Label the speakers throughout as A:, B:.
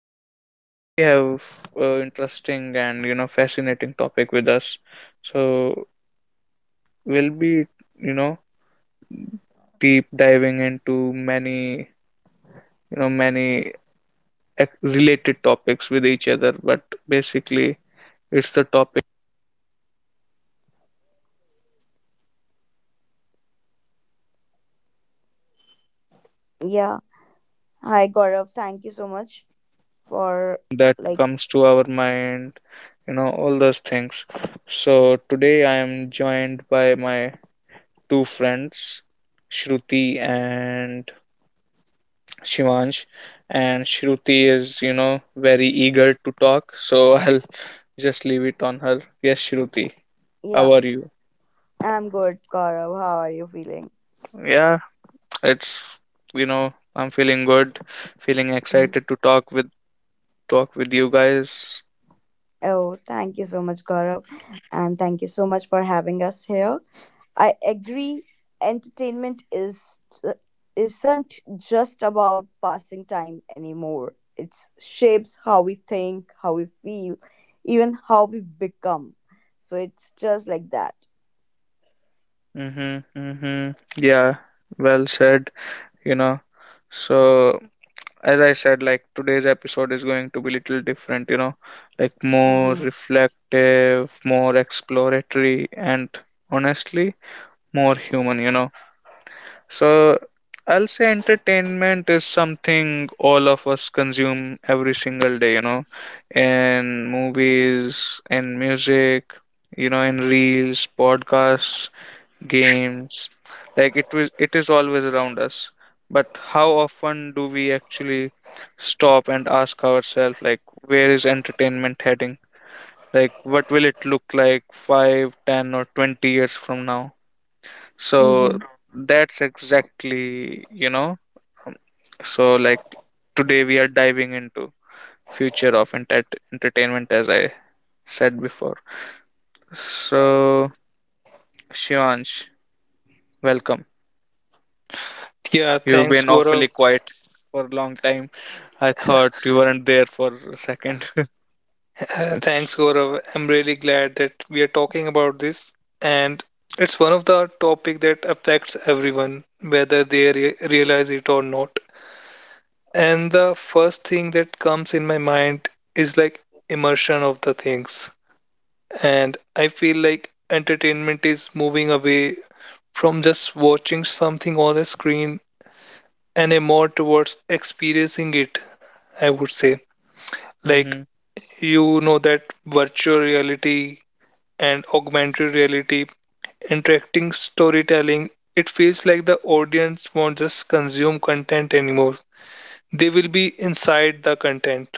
A: so today we have an interesting and fascinating topic with us. So we'll be you know deep diving into many you know many related topics with each other, but basically it's the topic
B: Yeah. Hi, Gaurav. Thank you so much for,
A: that
B: like,
A: comes to our mind, all those things. So today I am joined by my two friends, Shruti and Shivansh. And Shruti is, very eager to talk, so I'll just leave it on her. Yes, Shruti,
B: yeah.
A: how are you?
B: I'm good, Gaurav. How are you feeling?
A: Yeah, it's, I'm feeling good, feeling
B: Mhm.
A: excited to talk with you guys.
B: Oh, thank you so much, Gaurav. And thank you so much for having us here. I agree, entertainment is isn't just about passing time anymore. It shapes how we think, how we feel, even how we become. So it's just like that.
A: Mm-hmm, mm-hmm. Yeah, well said, you know. So as I said, like today's episode is going to be little different, like more
B: Mm-hmm.
A: reflective, more exploratory, and honestly, more human. So I'll say entertainment is something all of us consume every single day, in movies, in music, in reels, podcasts, games, like it is always around us. But how often do we actually stop and ask ourselves, like, where is entertainment heading, like what will it look like 5, 10, or 20 years from now? So that's exactly, like, today we are diving into future of entertainment, as I said before. So, Shivansh, welcome.
C: Yeah,
A: You've
C: thanks,
A: been awfully
C: Gaurav.
A: quiet for a long time. I thought you weren't there for a second.
C: Thanks, Gaurav. I'm really glad that we are talking about this, and it's one of the topic that affects everyone, whether they realize it or not. And the first thing that comes in my mind is like immersion of the things, and I feel like entertainment is moving away from just watching something on a screen and a more towards experiencing it. I would say, like
A: Hmm.
C: you know that virtual reality and augmented reality, interacting storytelling, it feels like the audience won't just consume content anymore. They will be inside the content.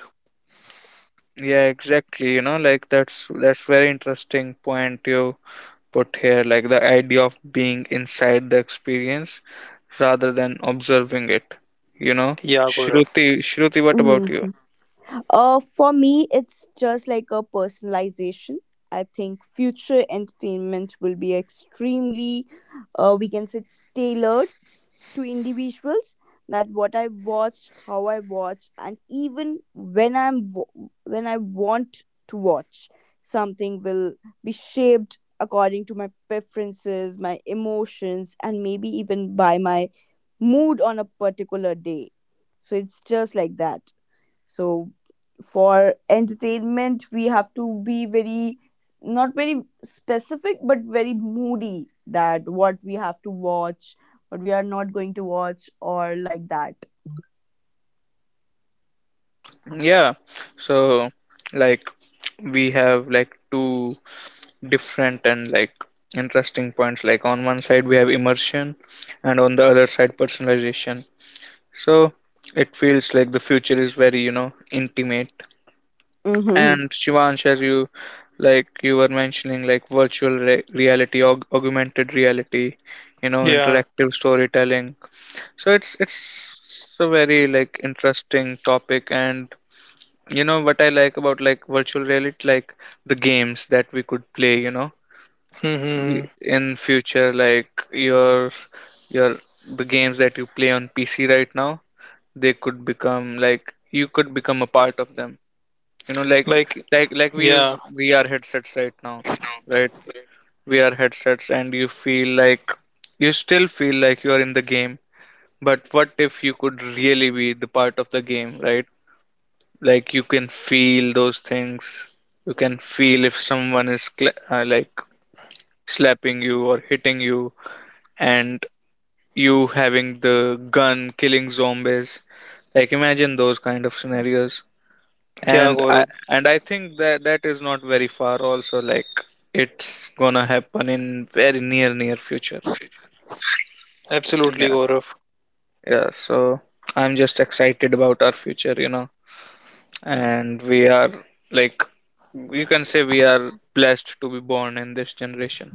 A: Yeah, exactly. You know, like that's very interesting point you put here, like the idea of being inside the experience rather than observing it. You know,
C: Yeah, Gaurav.
A: Shruti, what about you?
B: Mm-hmm. For me, it's just like a personalization. I think future entertainment will be extremely, we can say, tailored to individuals. That what I watch, how I watch, and even when when I want to watch something will be shaped according to my preferences, my emotions, and maybe even by my mood on a particular day. So it's just like that. So for entertainment we have to be very, not very specific but very moody, that what we have to watch, what we are not going to watch, or like that.
A: Yeah, so, like, we have like two different and like interesting points. Like on one side we have immersion, and on the other side personalization. So it feels like the future is very, intimate.
B: Mm-hmm.
A: And Shivansh, as you like you were mentioning, like reality, augmented reality,
C: Yeah.
A: interactive storytelling. So it's a very, like, interesting topic, and, you know, what I like about, like, virtual reality, like the games that we could play, you know,
C: Hmm.
A: in future, like your your the games that you play on PC right now, they could become, like, you could become a part of them, you know, like,
C: Like,
A: like we use
C: yeah.
A: VR headsets right now, right, VR headsets, and you feel like you still feel like you're in the game, but what if you could really be the part of the game, right? Like you can feel those things, you can feel if someone is cla like slapping you or hitting you, and you having the gun killing zombies, like imagine those kind of scenarios,
C: Yeah,
A: and i
C: Gaurav.
A: and i think that that is not very far also, like it's gonna happen in very near future.
C: Absolutely,
A: Yeah,
C: Gaurav.
A: yeah. So I'm just excited about our future, you know, and we are, like, you can say we are blessed to be born in this generation.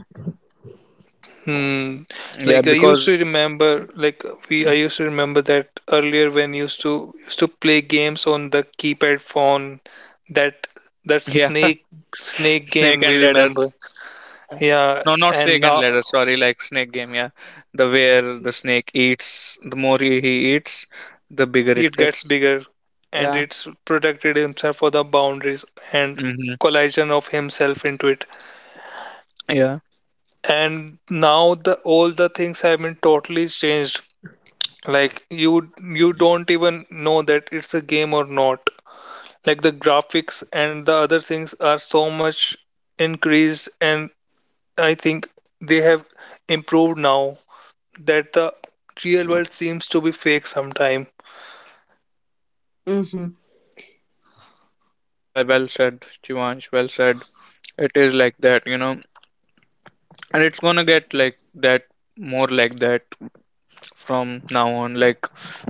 C: Hmm.
A: Yeah,
C: Like I used
A: because,
C: to remember, like I used to remember that earlier when used to used to play games on the keypad phone, that that
A: yeah,
C: snake snake
A: snake
C: game we
A: and
C: remember.
A: ladders.
C: Yeah,
A: No, not
C: and
A: snake and
C: now
A: ladder. Sorry, like snake game. Yeah, the where the snake eats, the more he eats, the bigger it
C: it gets
A: gets.
C: bigger, and
A: Yeah.
C: it's protected himself for the boundaries and
A: Mm-hmm.
C: collision of himself into it.
A: Yeah.
C: And now the all the things have been totally changed. Like you don't even know that it's a game or not. Like the graphics and the other things are so much increased, and I think they have improved now that the real world seems to be fake sometime.
B: Mm-hmm.
A: Yeah. Well said, Chivansh. Well said. It is like that, you know, and it's gonna get like that more like that from now on. Like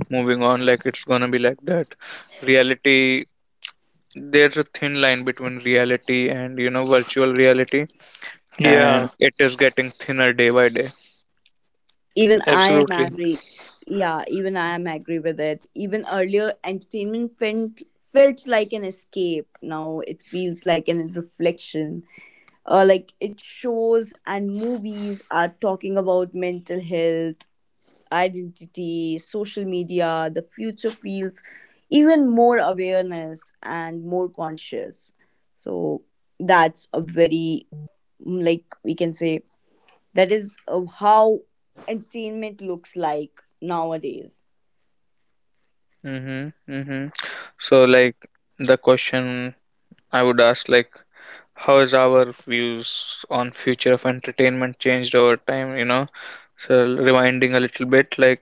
A: moving on, like it's gonna be like that. Reality. There's a thin line between reality and, you know, virtual reality,
C: Yeah,
A: and it is getting thinner day by day.
B: Even I am
C: absolutely.
B: agree. Yeah, even I am agree with it. Even earlier, entertainment felt like an escape. Now it feels like an reflection. Like it shows and movies are talking about mental health, identity, social media, the future feels even more awareness and more conscious. So that's a very, like, we can say, that is, how entertainment looks like nowadays.
A: Mm-hmm, mm-hmm. So, like, the question I would ask, like, how has our views on future of entertainment changed over time, you know? So, rewinding a little bit, like,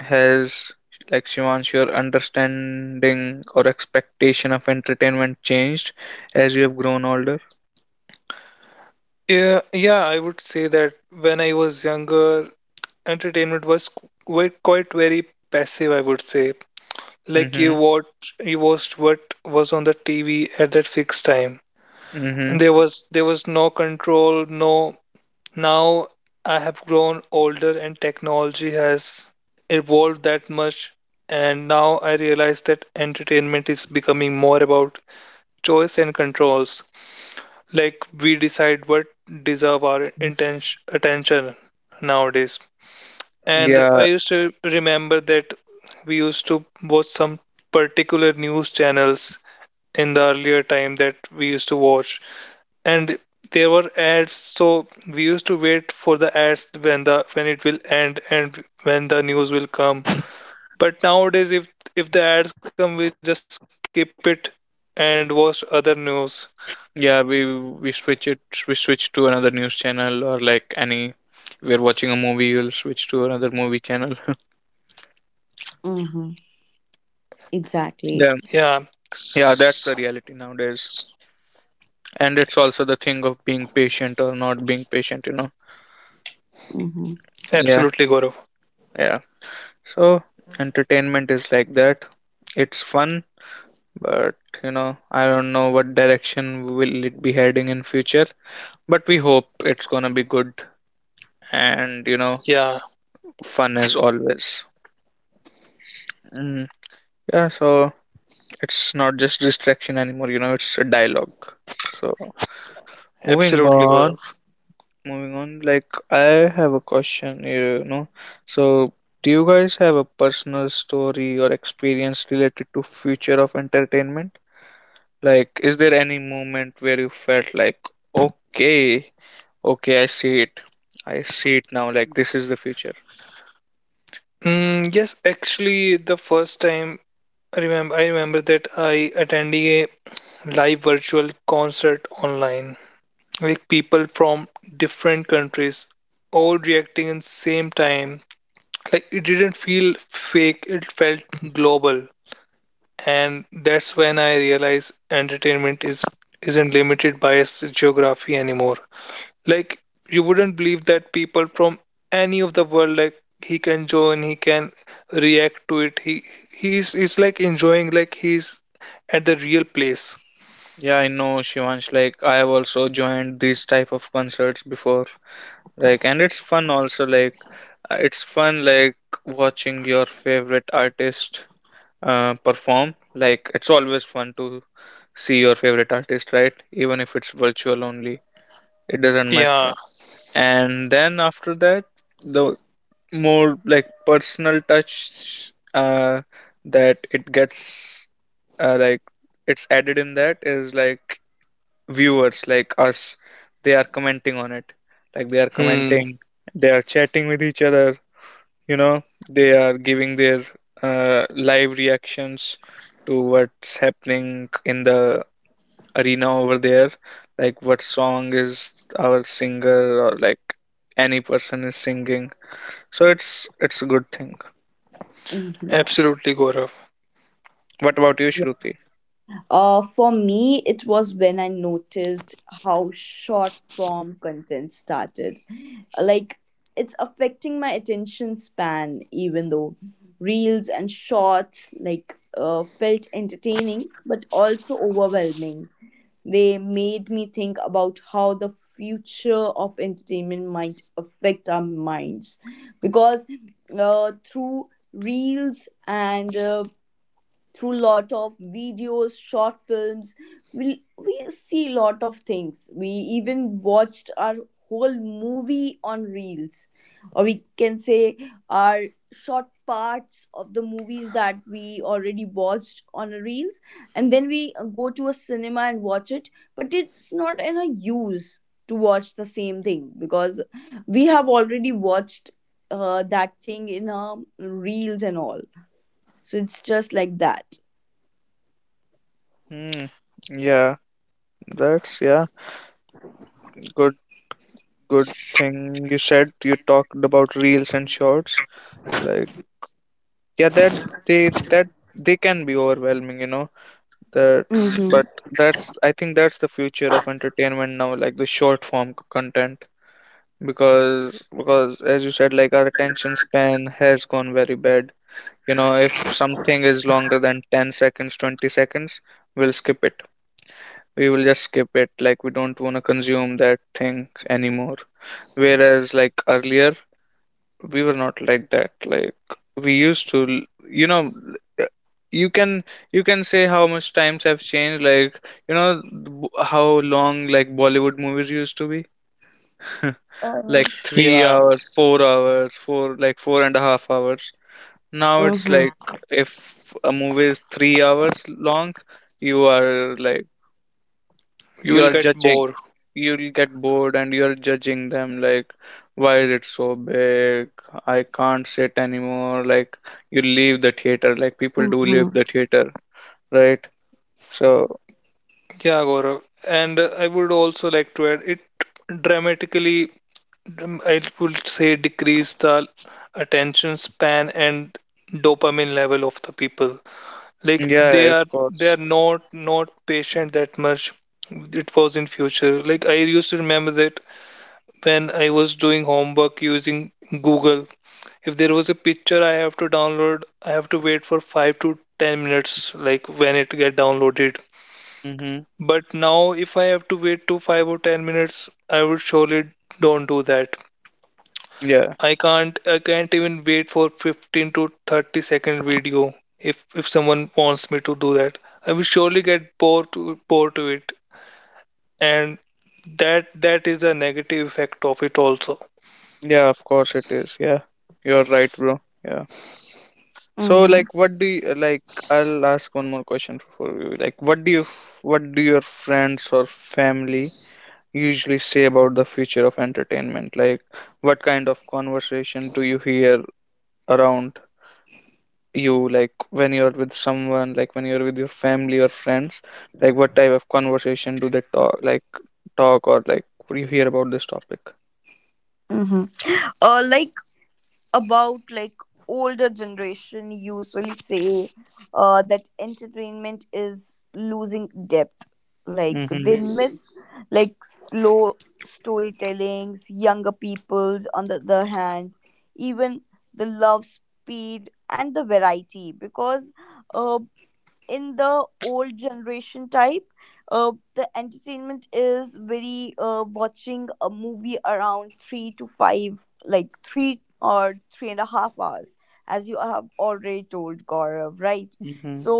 A: has, like, Shivansh, your understanding or expectation of entertainment changed as you have grown older?
C: Yeah, yeah, I would say that when I was younger, entertainment was quite very passive, I would say. Like
A: Mm-hmm,
C: you watched what was on the TV at that fixed time,
A: mm-hmm.
C: and there was no control, no. Now I have grown older, and technology has evolved that much, and now I realize that entertainment is becoming more about choice and controls, like we decide what deserve our intention attention nowadays. And
A: Yeah,
C: I used to remember that we used to watch some particular news channels in the earlier time that we used to watch, and there were ads, so we used to wait for the ads when the when it will end and when the news will come. But nowadays, if the ads come, we just skip it and watch other news.
A: yeah, we switch it, we switch to another news channel or, like, any, we're watching a movie, you'll switch to another movie channel.
B: Mm-hmm.
C: Yeah.
B: Exactly.
C: S-
A: Yeah, that's the
C: s-
A: reality nowadays. And it's also the thing of being patient or not being patient.
B: Mm-hmm.
C: Absolutely,
A: Yeah,
C: Gaurav.
A: yeah. So entertainment is like that. It's fun, but, you know, I don't know what direction will it be heading in future. But we hope it's gonna be good, and,
C: Yeah,
A: fun as always. Mm, yeah, so it's not just distraction anymore, it's a dialogue. So moving
C: absolutely, Gaurav.
A: on. Like, I have a question here, you know, so do you guys have a personal story or experience related to future of entertainment, like is there any moment where you felt like okay okay, I see it now, like this is the future?
C: Yes, actually, the first time I remember that I attending a live virtual concert online, like people from different countries, all reacting in same time. Like it didn't feel fake; it felt global, and that's when I realized entertainment is isn't limited by its geography anymore. Like you wouldn't believe that people from any of the world, like he can join, he can react to it. He's like enjoying like he's at the real place.
A: Yeah, I know, Shivansh, like I have also joined these type of concerts before, like, and it's fun also, like, it's fun, like watching your favorite artist perform. Like it's always fun to see your favorite artist, right? Even if it's virtual only, it doesn't
C: Yeah.
A: matter. And then after that, the more, like, personal touch that it gets, like it's added in, that is like viewers like us. They are commenting on it, like they are
C: Hmm.
A: commenting, they are chatting with each other, you know, they are giving their live reactions to what's happening in the arena over there, like what song is our singer, or like any person is singing. So it's a good thing.
B: Mm-hmm.
C: Absolutely, Gaurav.
A: What about you, Shruti?
B: For me, it was when I noticed how short form content started. Like, it's affecting my attention span, even though reels and shorts, like, felt entertaining, but also overwhelming. They made me think about how the future of entertainment might affect our minds. Because through reels and through lot of videos short films, we see lot of things. We even watched our whole movie on reels, or we can say our short parts of the movies that we already watched on reels. And then we go to a cinema and watch it, but it's not in a use to watch the same thing because we have already watched that thing in our reels and all. So it's just like that.
A: Hmm, yeah, that's, yeah, good. Good thing you said. You talked about reels and shorts, like, yeah, that they that they can be overwhelming, you know. That's, but that's, I think, that's the future of entertainment now, like the short form content. Because, as you said, like our attention span has gone very bad. You know, if something is longer than 10 seconds, 20 seconds, we'll skip it. We will just skip it. Like we don't want to consume that thing anymore. Whereas, like, earlier, we were not like that, like we used to l- you can you can say how much times have changed, like, how long, like, Bollywood movies used to be,
B: Uh,
A: like three
C: Yeah,
A: hours 4 hours, four, like 4.5 hours. Now it's
B: mhm,
A: like if a movie is 3 hours long, you are like,
C: you
A: you
C: will
A: are
C: get
A: judging,
C: bored.
A: you'll get bored, and you're judging them, like why is it so big, I can't sit anymore, like you leave the theater, like people do leave
B: mhm,
A: the theater, right? So,
C: Yeah, Gaurav. And I would also like to add it dramatically, I would say, decrease the attention span and dopamine level of the people. Like
A: yeah, of
C: they
A: course.
C: are not patient that much. It was in future, like I used to remember that when I was doing homework using Google, if there was a picture I have to download, I have to wait for 5 to 10 minutes, like when it get downloaded.
A: Mm-hmm.
C: But now if I have to wait to 5 or 10 minutes, I would surely don't do that.
A: Yeah.
C: I can't even wait for 15 to 30 second video if someone wants me to do that. I will surely get bored to it, and that is a negative effect of it also.
A: Yeah, of course it is. Yeah, you're right, bro. Yeah, so,
B: mhm,
A: like, what do you like I'll ask one more question for you, like what do what do your friends or family usually say about the future of entertainment? Like, what kind of conversation do you hear around you? Like when you're with someone, like when you're with your family or friends, like what type of conversation do they talk, like talk or like you hear about this topic?
B: mhm. Like about like older generation usually say that entertainment is losing depth. Like
A: Mm-hmm.
B: they miss like slow storytellings. Younger people's, on the other hand, even the love speed and the variety because. Uh, in the old generation type, the entertainment is very, watching a movie around three to five, like 3 or 3.5 hours, as you have already told Gaurav, right?
A: Mm-hmm.
B: So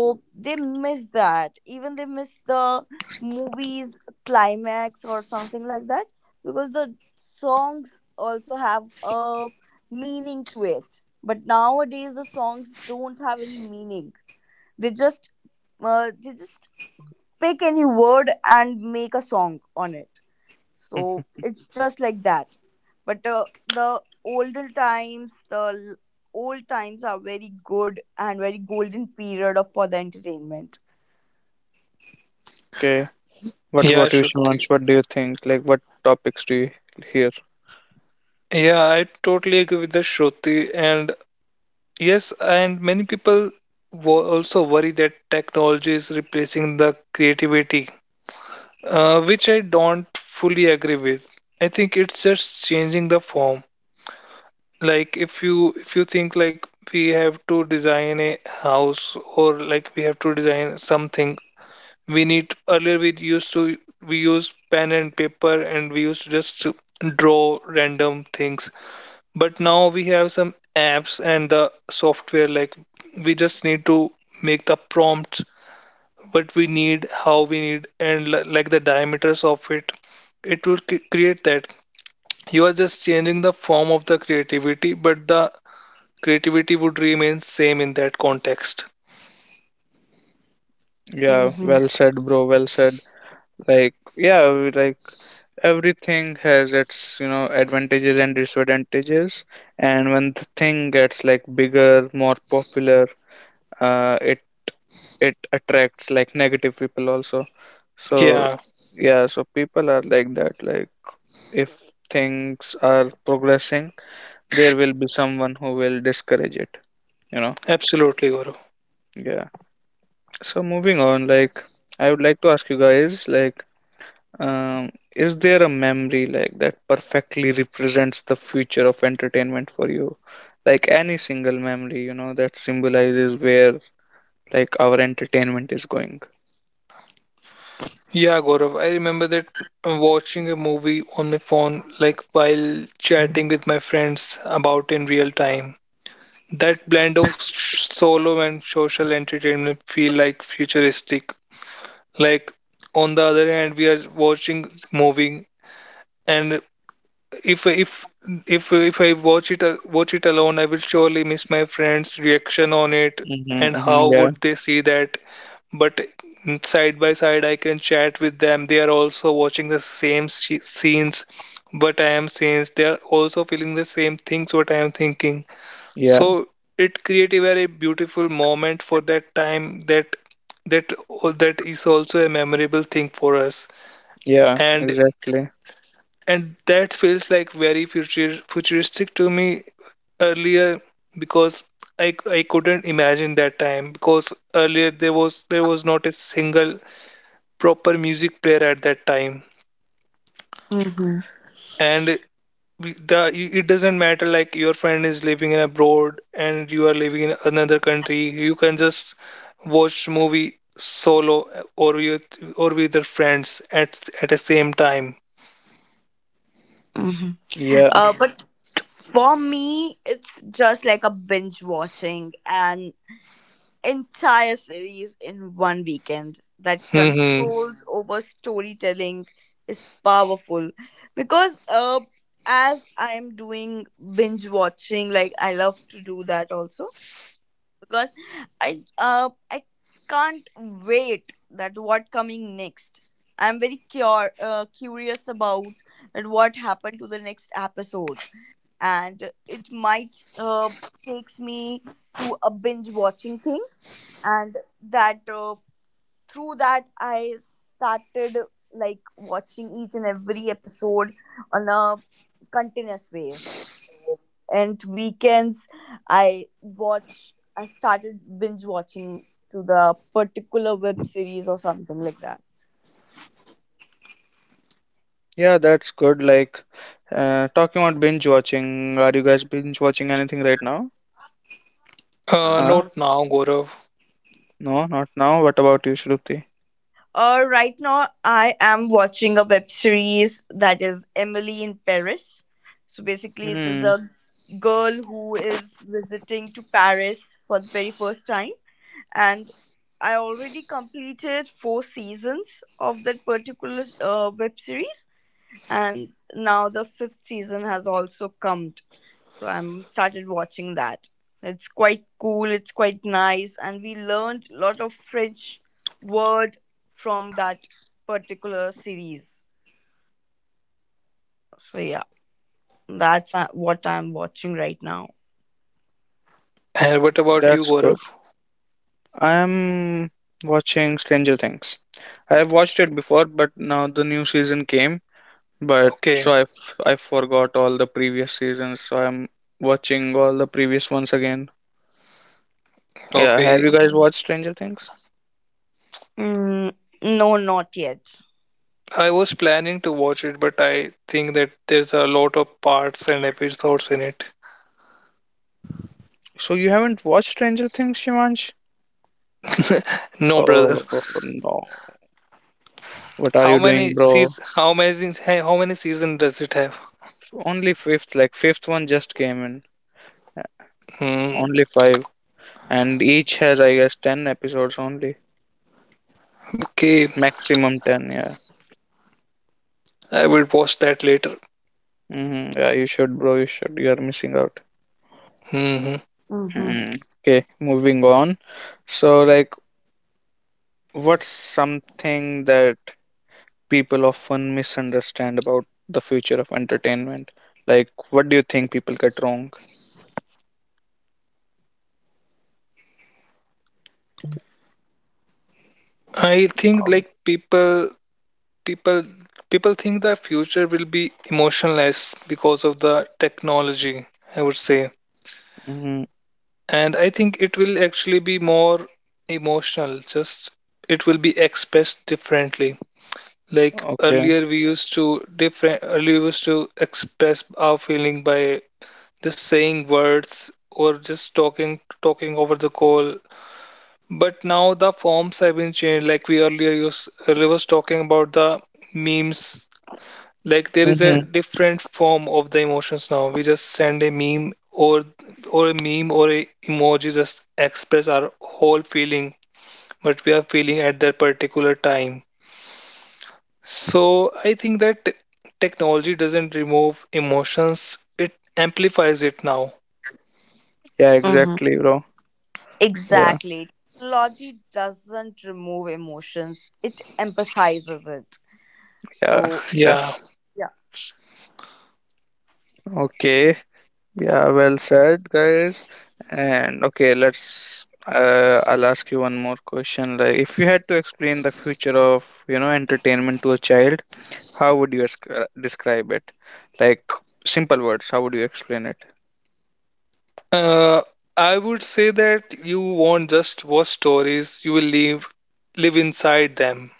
B: they miss that, even they miss the movies climax or something like that, because the songs also have a meaning to it, but nowadays the songs don't have any meaning. They just uh, they just pick any word and make a song on it. So it's just like that. But the older times, the old times are very good and very golden period of, for the entertainment.
A: Okay. What
C: Yeah,
A: about you,
C: Shruti.
A: Shivansh? What do you think? Like what topics do you hear?
C: Yeah, I totally agree with the Shruti, and yes, and many people also worry that technology is replacing the creativity, which I don't fully agree with. I think it's just changing the form. Like if you think, like we have to design a house or like we have to design something we need. Earlier, we used to we used pen and paper, and we used to just draw random things. But now we have some apps and the software, like we just need to make the prompts, what we need, how we need, and like the diameters of it, it will create that. You are just changing the form of the creativity, but the creativity would remain same in that context.
A: Yeah,
B: Mm-hmm.
A: well said, bro. Well said. Like, yeah, like everything has its, you know, advantages and disadvantages, and when the thing gets like bigger, more popular, uh, it it attracts like negative people also. So,
C: Yeah,
A: yeah, so people are like that, like if things are progressing, there will be someone who will discourage it, you know.
C: absolutely, Gaurav.
A: Yeah, so moving on, like I would like to ask you guys, like, Um, is there a memory like that perfectly represents the future of entertainment for you? Like any single memory, you know, that symbolizes where like our entertainment is going.
C: Yeah, Gaurav, I remember that watching a movie on my phone, like while chatting with my friends about in real time. That blend of solo and social entertainment feel like futuristic. Like on the other hand, we are watching movie, and if if if I watch it alone, I will surely miss my friends' reaction on it
A: Mm-hmm,
C: and
A: mm-hmm.
C: how
A: Yeah,
C: would they see that. But side by side I can chat with them. They are also watching the same sh scenes what I am seeing. They are also feeling the same things what I am thinking.
A: yeah,
C: So it create a very beautiful moment for that time. That that is also a memorable thing for us,
A: yeah,
C: and
A: exactly.
C: that feels like very futuristic to me earlier, because I couldn't imagine that time, because earlier there was not a single proper music player at that time.
B: Mm-hmm.
C: And the it doesn't matter like your friend is living in abroad and you are living in another country, you can just watch movie solo or with or with your friends at the same time.
B: Mm-hmm.
A: Yeah,
B: But for me, it's just like a binge watching and entire series in one weekend. That
C: Hmm.
B: controls over storytelling is powerful because, as I am doing binge watching, like I love to do that also, because I can't wait that what coming next. I'm very curious about that what happened to the next episode, and it might takes me to a binge watching thing. And that through that I started like watching each and every episode on a continuous ways. And weekends, I started binge watching to the particular web series or something like that.
A: yeah, that's good. Like, talking about binge watching, are you guys binge watching anything right now? Huh?
C: Not
B: um
C: now, Gaurav.
A: No, not now. What about you, Shruti?
B: right now I am watching a web series that is Emily in Paris. So basically it is
A: Hmm,
B: a girl who is visiting to Paris for the very first time, and I already completed four seasons of that particular web series, and now the fifth season has also come. So I'm started watching that. It's quite cool. It's quite nice, and we learned a lot of French word from that particular series. So yeah, that's what I'm watching right now.
C: And what about you,
A: that's good.
C: Gaurav?
A: I'm watching Stranger Things. I have watched it before, but now the new season came. But
C: Okay.
A: so I forgot all the previous seasons, so I'm watching all the previous ones again. Yeah, have
C: Okay,
A: you guys watched Stranger Things?
B: Mm, no, not yet.
C: I was planning to watch it, but I think that there's a lot of parts and episodes in it.
A: So you haven't watched Stranger Things, Shivansh?
C: No, brother.
A: Oh no. What are
C: How
A: you
C: many
A: doing, bro?
C: seas? How many? How many season does it have?
A: Only fifth, like fifth one just came in. Uh,
C: Hmm.
A: Only 5. And each has, I guess, 10 episodes only.
C: Okay,
A: Maximum 10, yeah.
C: I will watch that later.
A: Hmm, yeah, you should, bro. You should. You are missing out.
C: Hmm.
B: Mm-hmm.
A: Mm. Okay, moving on. So, like, what's something that people often misunderstand about the future of entertainment? Like what do you think people get wrong?
C: I think
A: Um,
C: like people, people think the future will be emotionless because of the technology. I would say,
A: Mm-hmm.
C: and I think it will actually be more emotional. Just it will be expressed differently. Like
A: Okay.
C: earlier, we used to different. Earlier, we used to express our feeling by just saying words or just talking over the call. But now the forms have been changed. Like earlier was talking about the memes. Like there is a
A: Mm-hmm.
C: different form of the emotions now. We just send a meme or a meme or a emoji just express our whole feeling, but we are feeling at that particular time. So I think that technology doesn't remove emotions; it amplifies it now.
A: Yeah,
B: Mm-hmm.
A: exactly, bro. Yeah,
B: Exactly. Technology doesn't remove emotions, it emphasizes it.
A: yeah,
B: So,
C: Yeah.
A: yes.
B: yeah.
A: Okay. Yeah, well said, guys. And okay, let's. I'll ask you one more question. Like if you had to explain the future of, you know, entertainment to a child, how would you describe it? Like simple words, how would you explain it?
C: Uh, I would say that you won't just watch stories, you will live inside them.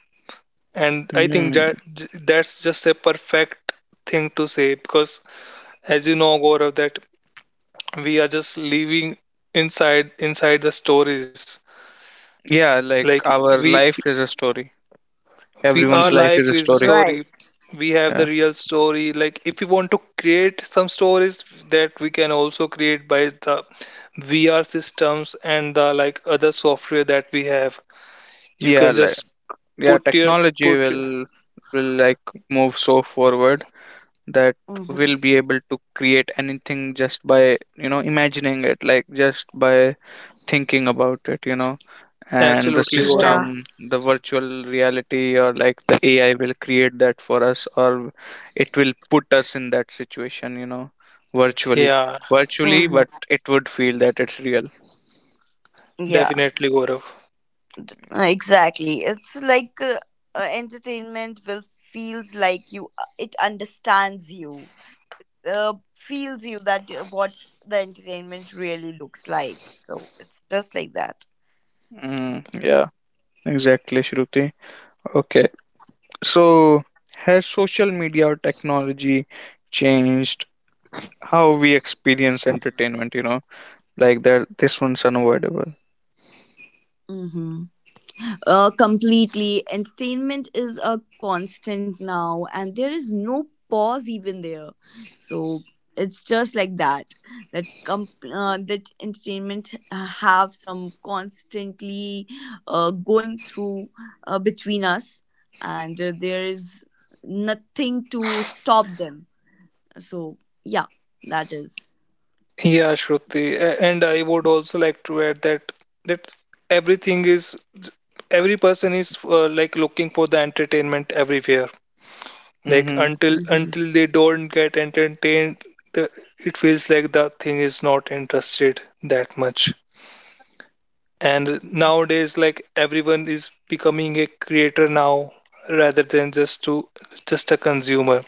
C: And I think
A: Mm.
C: that that's just a perfect thing to say, because as you know, Gaurav, that we are just living inside the stories.
A: Yeah, like
C: Like
A: our
C: we
A: life is a story.
C: we our
A: Everyone's
B: Mm-hmm.
A: life
C: life
A: is a
C: is a
A: story.
C: story.
B: Right.
C: We have the
A: Yeah.
C: real story, like if we want to create some stories that we can also create by the VR systems and the like other software that we have. You
A: Yeah,
C: can
A: like
C: just
A: yeah,
C: put your
A: technology
C: put your,
A: will like move so forward that will
B: Mm-hmm.
A: be able to create anything just by, you know, imagining it, like just by thinking about it, you know, and the
C: absolutely, Gaurav.
B: Yeah.
A: system, the virtual reality, or like the AI will create that for us, or it will put us in that situation, you know, virtually,
C: Yeah,
B: Mm-hmm.
A: but it would feel that it's real.
B: Yeah,
C: definitely, Gaurav.
B: exactly. It's like, entertainment will feels like you, it understands you, feels you that, what the entertainment really looks like. So, it's just like that.
A: Mm, yeah, exactly, Shruti. Okay, so has social media or technology changed how we experience entertainment, you know? Like that, this one's unavoidable.
B: Mm-hmm. Completely. Entertainment is a constant now, and there is no pause even there. So it's just like that. That entertainment have some constantly going through between us, and there is nothing to stop them. So yeah, that.
C: Yeah, Shruti. A- and I would also like to add that that everything is, every person is, like looking for the entertainment everywhere. Like
A: Mm-hmm.
B: Mhm.
C: until they don't get entertained, the, it feels like the thing is not interested that much. And nowadays, like everyone is becoming a creator now rather than just a consumer.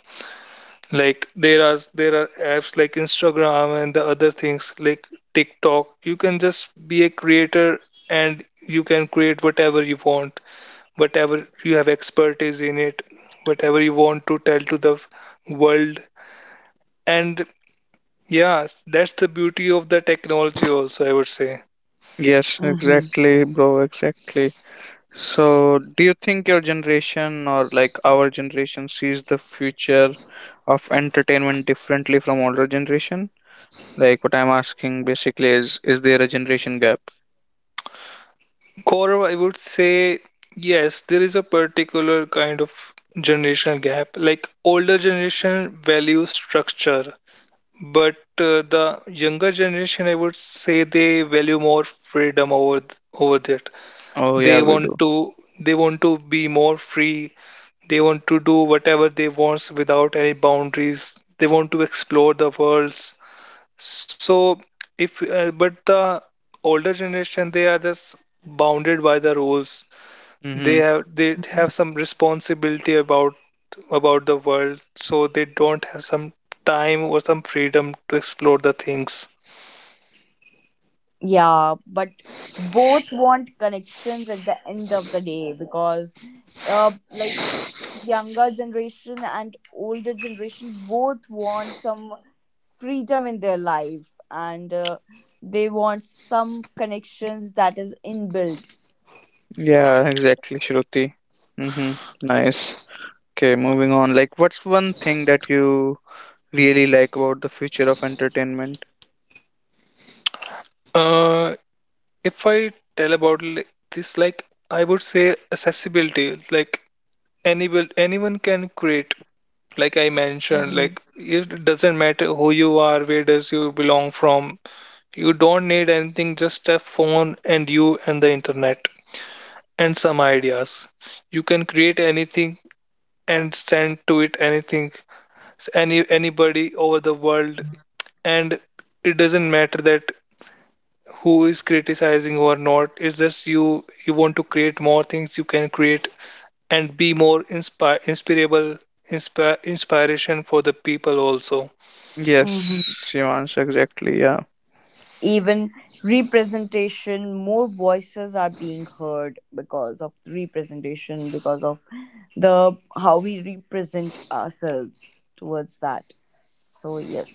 C: Like there are apps like Instagram and the other things like TikTok. You can just be a creator, and you can create whatever you want, whatever you have expertise in it, whatever you want to tell to the world. And yeah, that's the beauty of the technology also, I would say.
A: Yes,
B: Mhm.
A: exactly, bro, exactly. So do you think your generation or like our generation sees the future of entertainment differently from older generation? Like what I'm asking basically is there a generation gap?
C: Gaurav, I would say yes, there is a particular kind of generational gap. Like older generation values structure, but the younger generation, I would say they value more freedom over that.
A: Oh yeah,
C: They
A: we
C: want
A: do.
C: to be more free. They want to do whatever they want without any boundaries. They want to explore the worlds. So if but the older generation they are just bounded by the rules.
A: Mm-hmm.
C: They have some responsibility about the world, so they don't have some time or some freedom to explore the things.
B: Yeah, but both want connections at the end of the day because, like younger generation and older generation both want some freedom in their life, and they want some connections that is inbuilt.
A: Yeah, exactly, Shruti. Mm-hmm. Nice. Okay, moving on. Like what's one thing that you really like about the future of entertainment?
C: Uh, if I tell about this, like I would say accessibility, like anyone can create. Like I mentioned,
B: Mhm,
C: like it doesn't matter who you are, where does you belong from. You don't need anything, just a phone and you and the internet and some ideas. You can create anything and send to it anything, anybody over the world, and it doesn't matter that who is criticizing or not. It's just you want to create more things, you can create and be more inspire inspirable inspire inspiration for the people also.
B: mhm.
A: Yes, Shivansh, exactly. Yeah.
B: Even representation, more voices are being heard because of the representation, because of the how we represent ourselves towards that. So yes,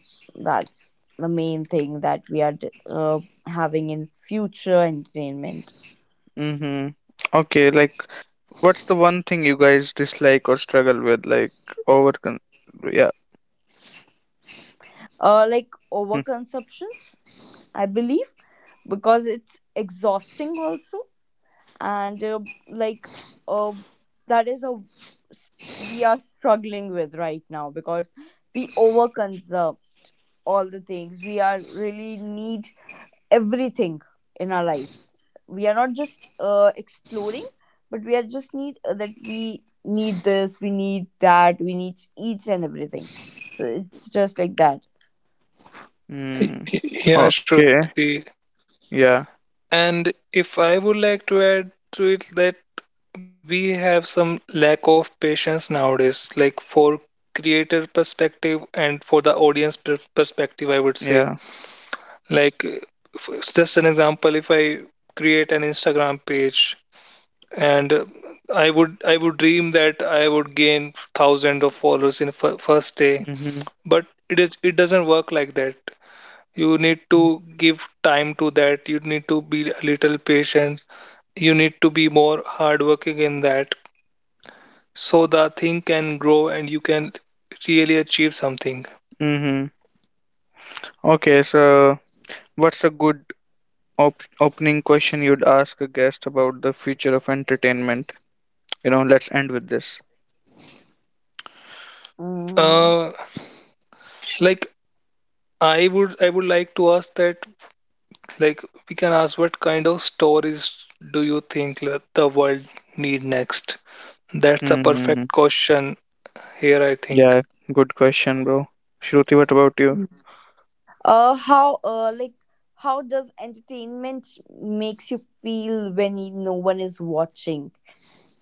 B: that's the main thing that we are having in future entertainment.
A: Mm-hmm. Okay, like what's the one thing you guys dislike or struggle with? Like over con yeah.
B: Like overconsumptions, I believe, because it's exhausting also. And like uh, that is we are struggling with right now, because we overconsume all the things. We are really need everything in our life. We are not just exploring, but we are just need, that we need this, we need that, we need each and everything. So it's just like that.
A: Mm-hmm.
C: Yeah,
A: Okay.
C: Shruti.
A: Yeah.
C: And if I would like to add to it that we have some lack of patience nowadays, like for creator perspective and for the audience perspective, I would say.
A: Yeah.
C: Like, just an example, if I create an Instagram page and I would dream that I would gain thousands of followers in first day,
A: Mm-hmm.
C: but it is, it doesn't work like that. You need to give time to that, you need to be a little patient, you need to be more hardworking in that, so the thing can grow and you can really achieve something.
A: Mm-hmm. Okay, so what's a good op opening question you'd ask a guest about the future of entertainment? You know, let's end with this.
B: mm.
C: Uh, like I would like to ask that, like we can ask what kind of stories do you think that the world need next. That's a
A: Mm-hmm.
C: perfect question here, I think.
A: Yeah, good question, bro. Shruti, what about you?
B: uh how uh like how does entertainment makes you feel when no one is watching?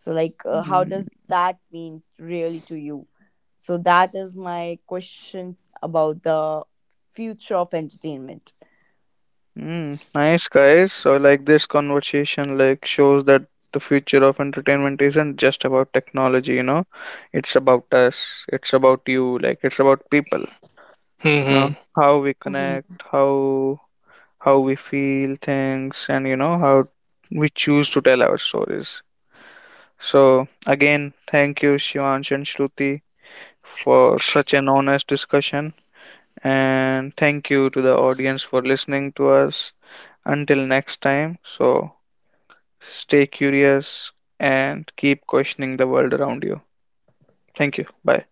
B: So, like, how does
A: Mm-hmm.
B: that mean really to you? So, that is my question about the future of entertainment.
A: Mm, nice guys. So, like, this conversation, like, shows that the future of entertainment isn't just about technology, you know. It's about us. It's about you. Like it's about people, you know,
C: Hmm.
A: how we connect, how we feel things, and, you know, how we choose to tell our stories. So again, thank you, Shivansh and Shruti, for such an honest discussion, and thank you to the audience for listening to us. Until next time. So stay curious and keep questioning the world around you. Thank you. Bye.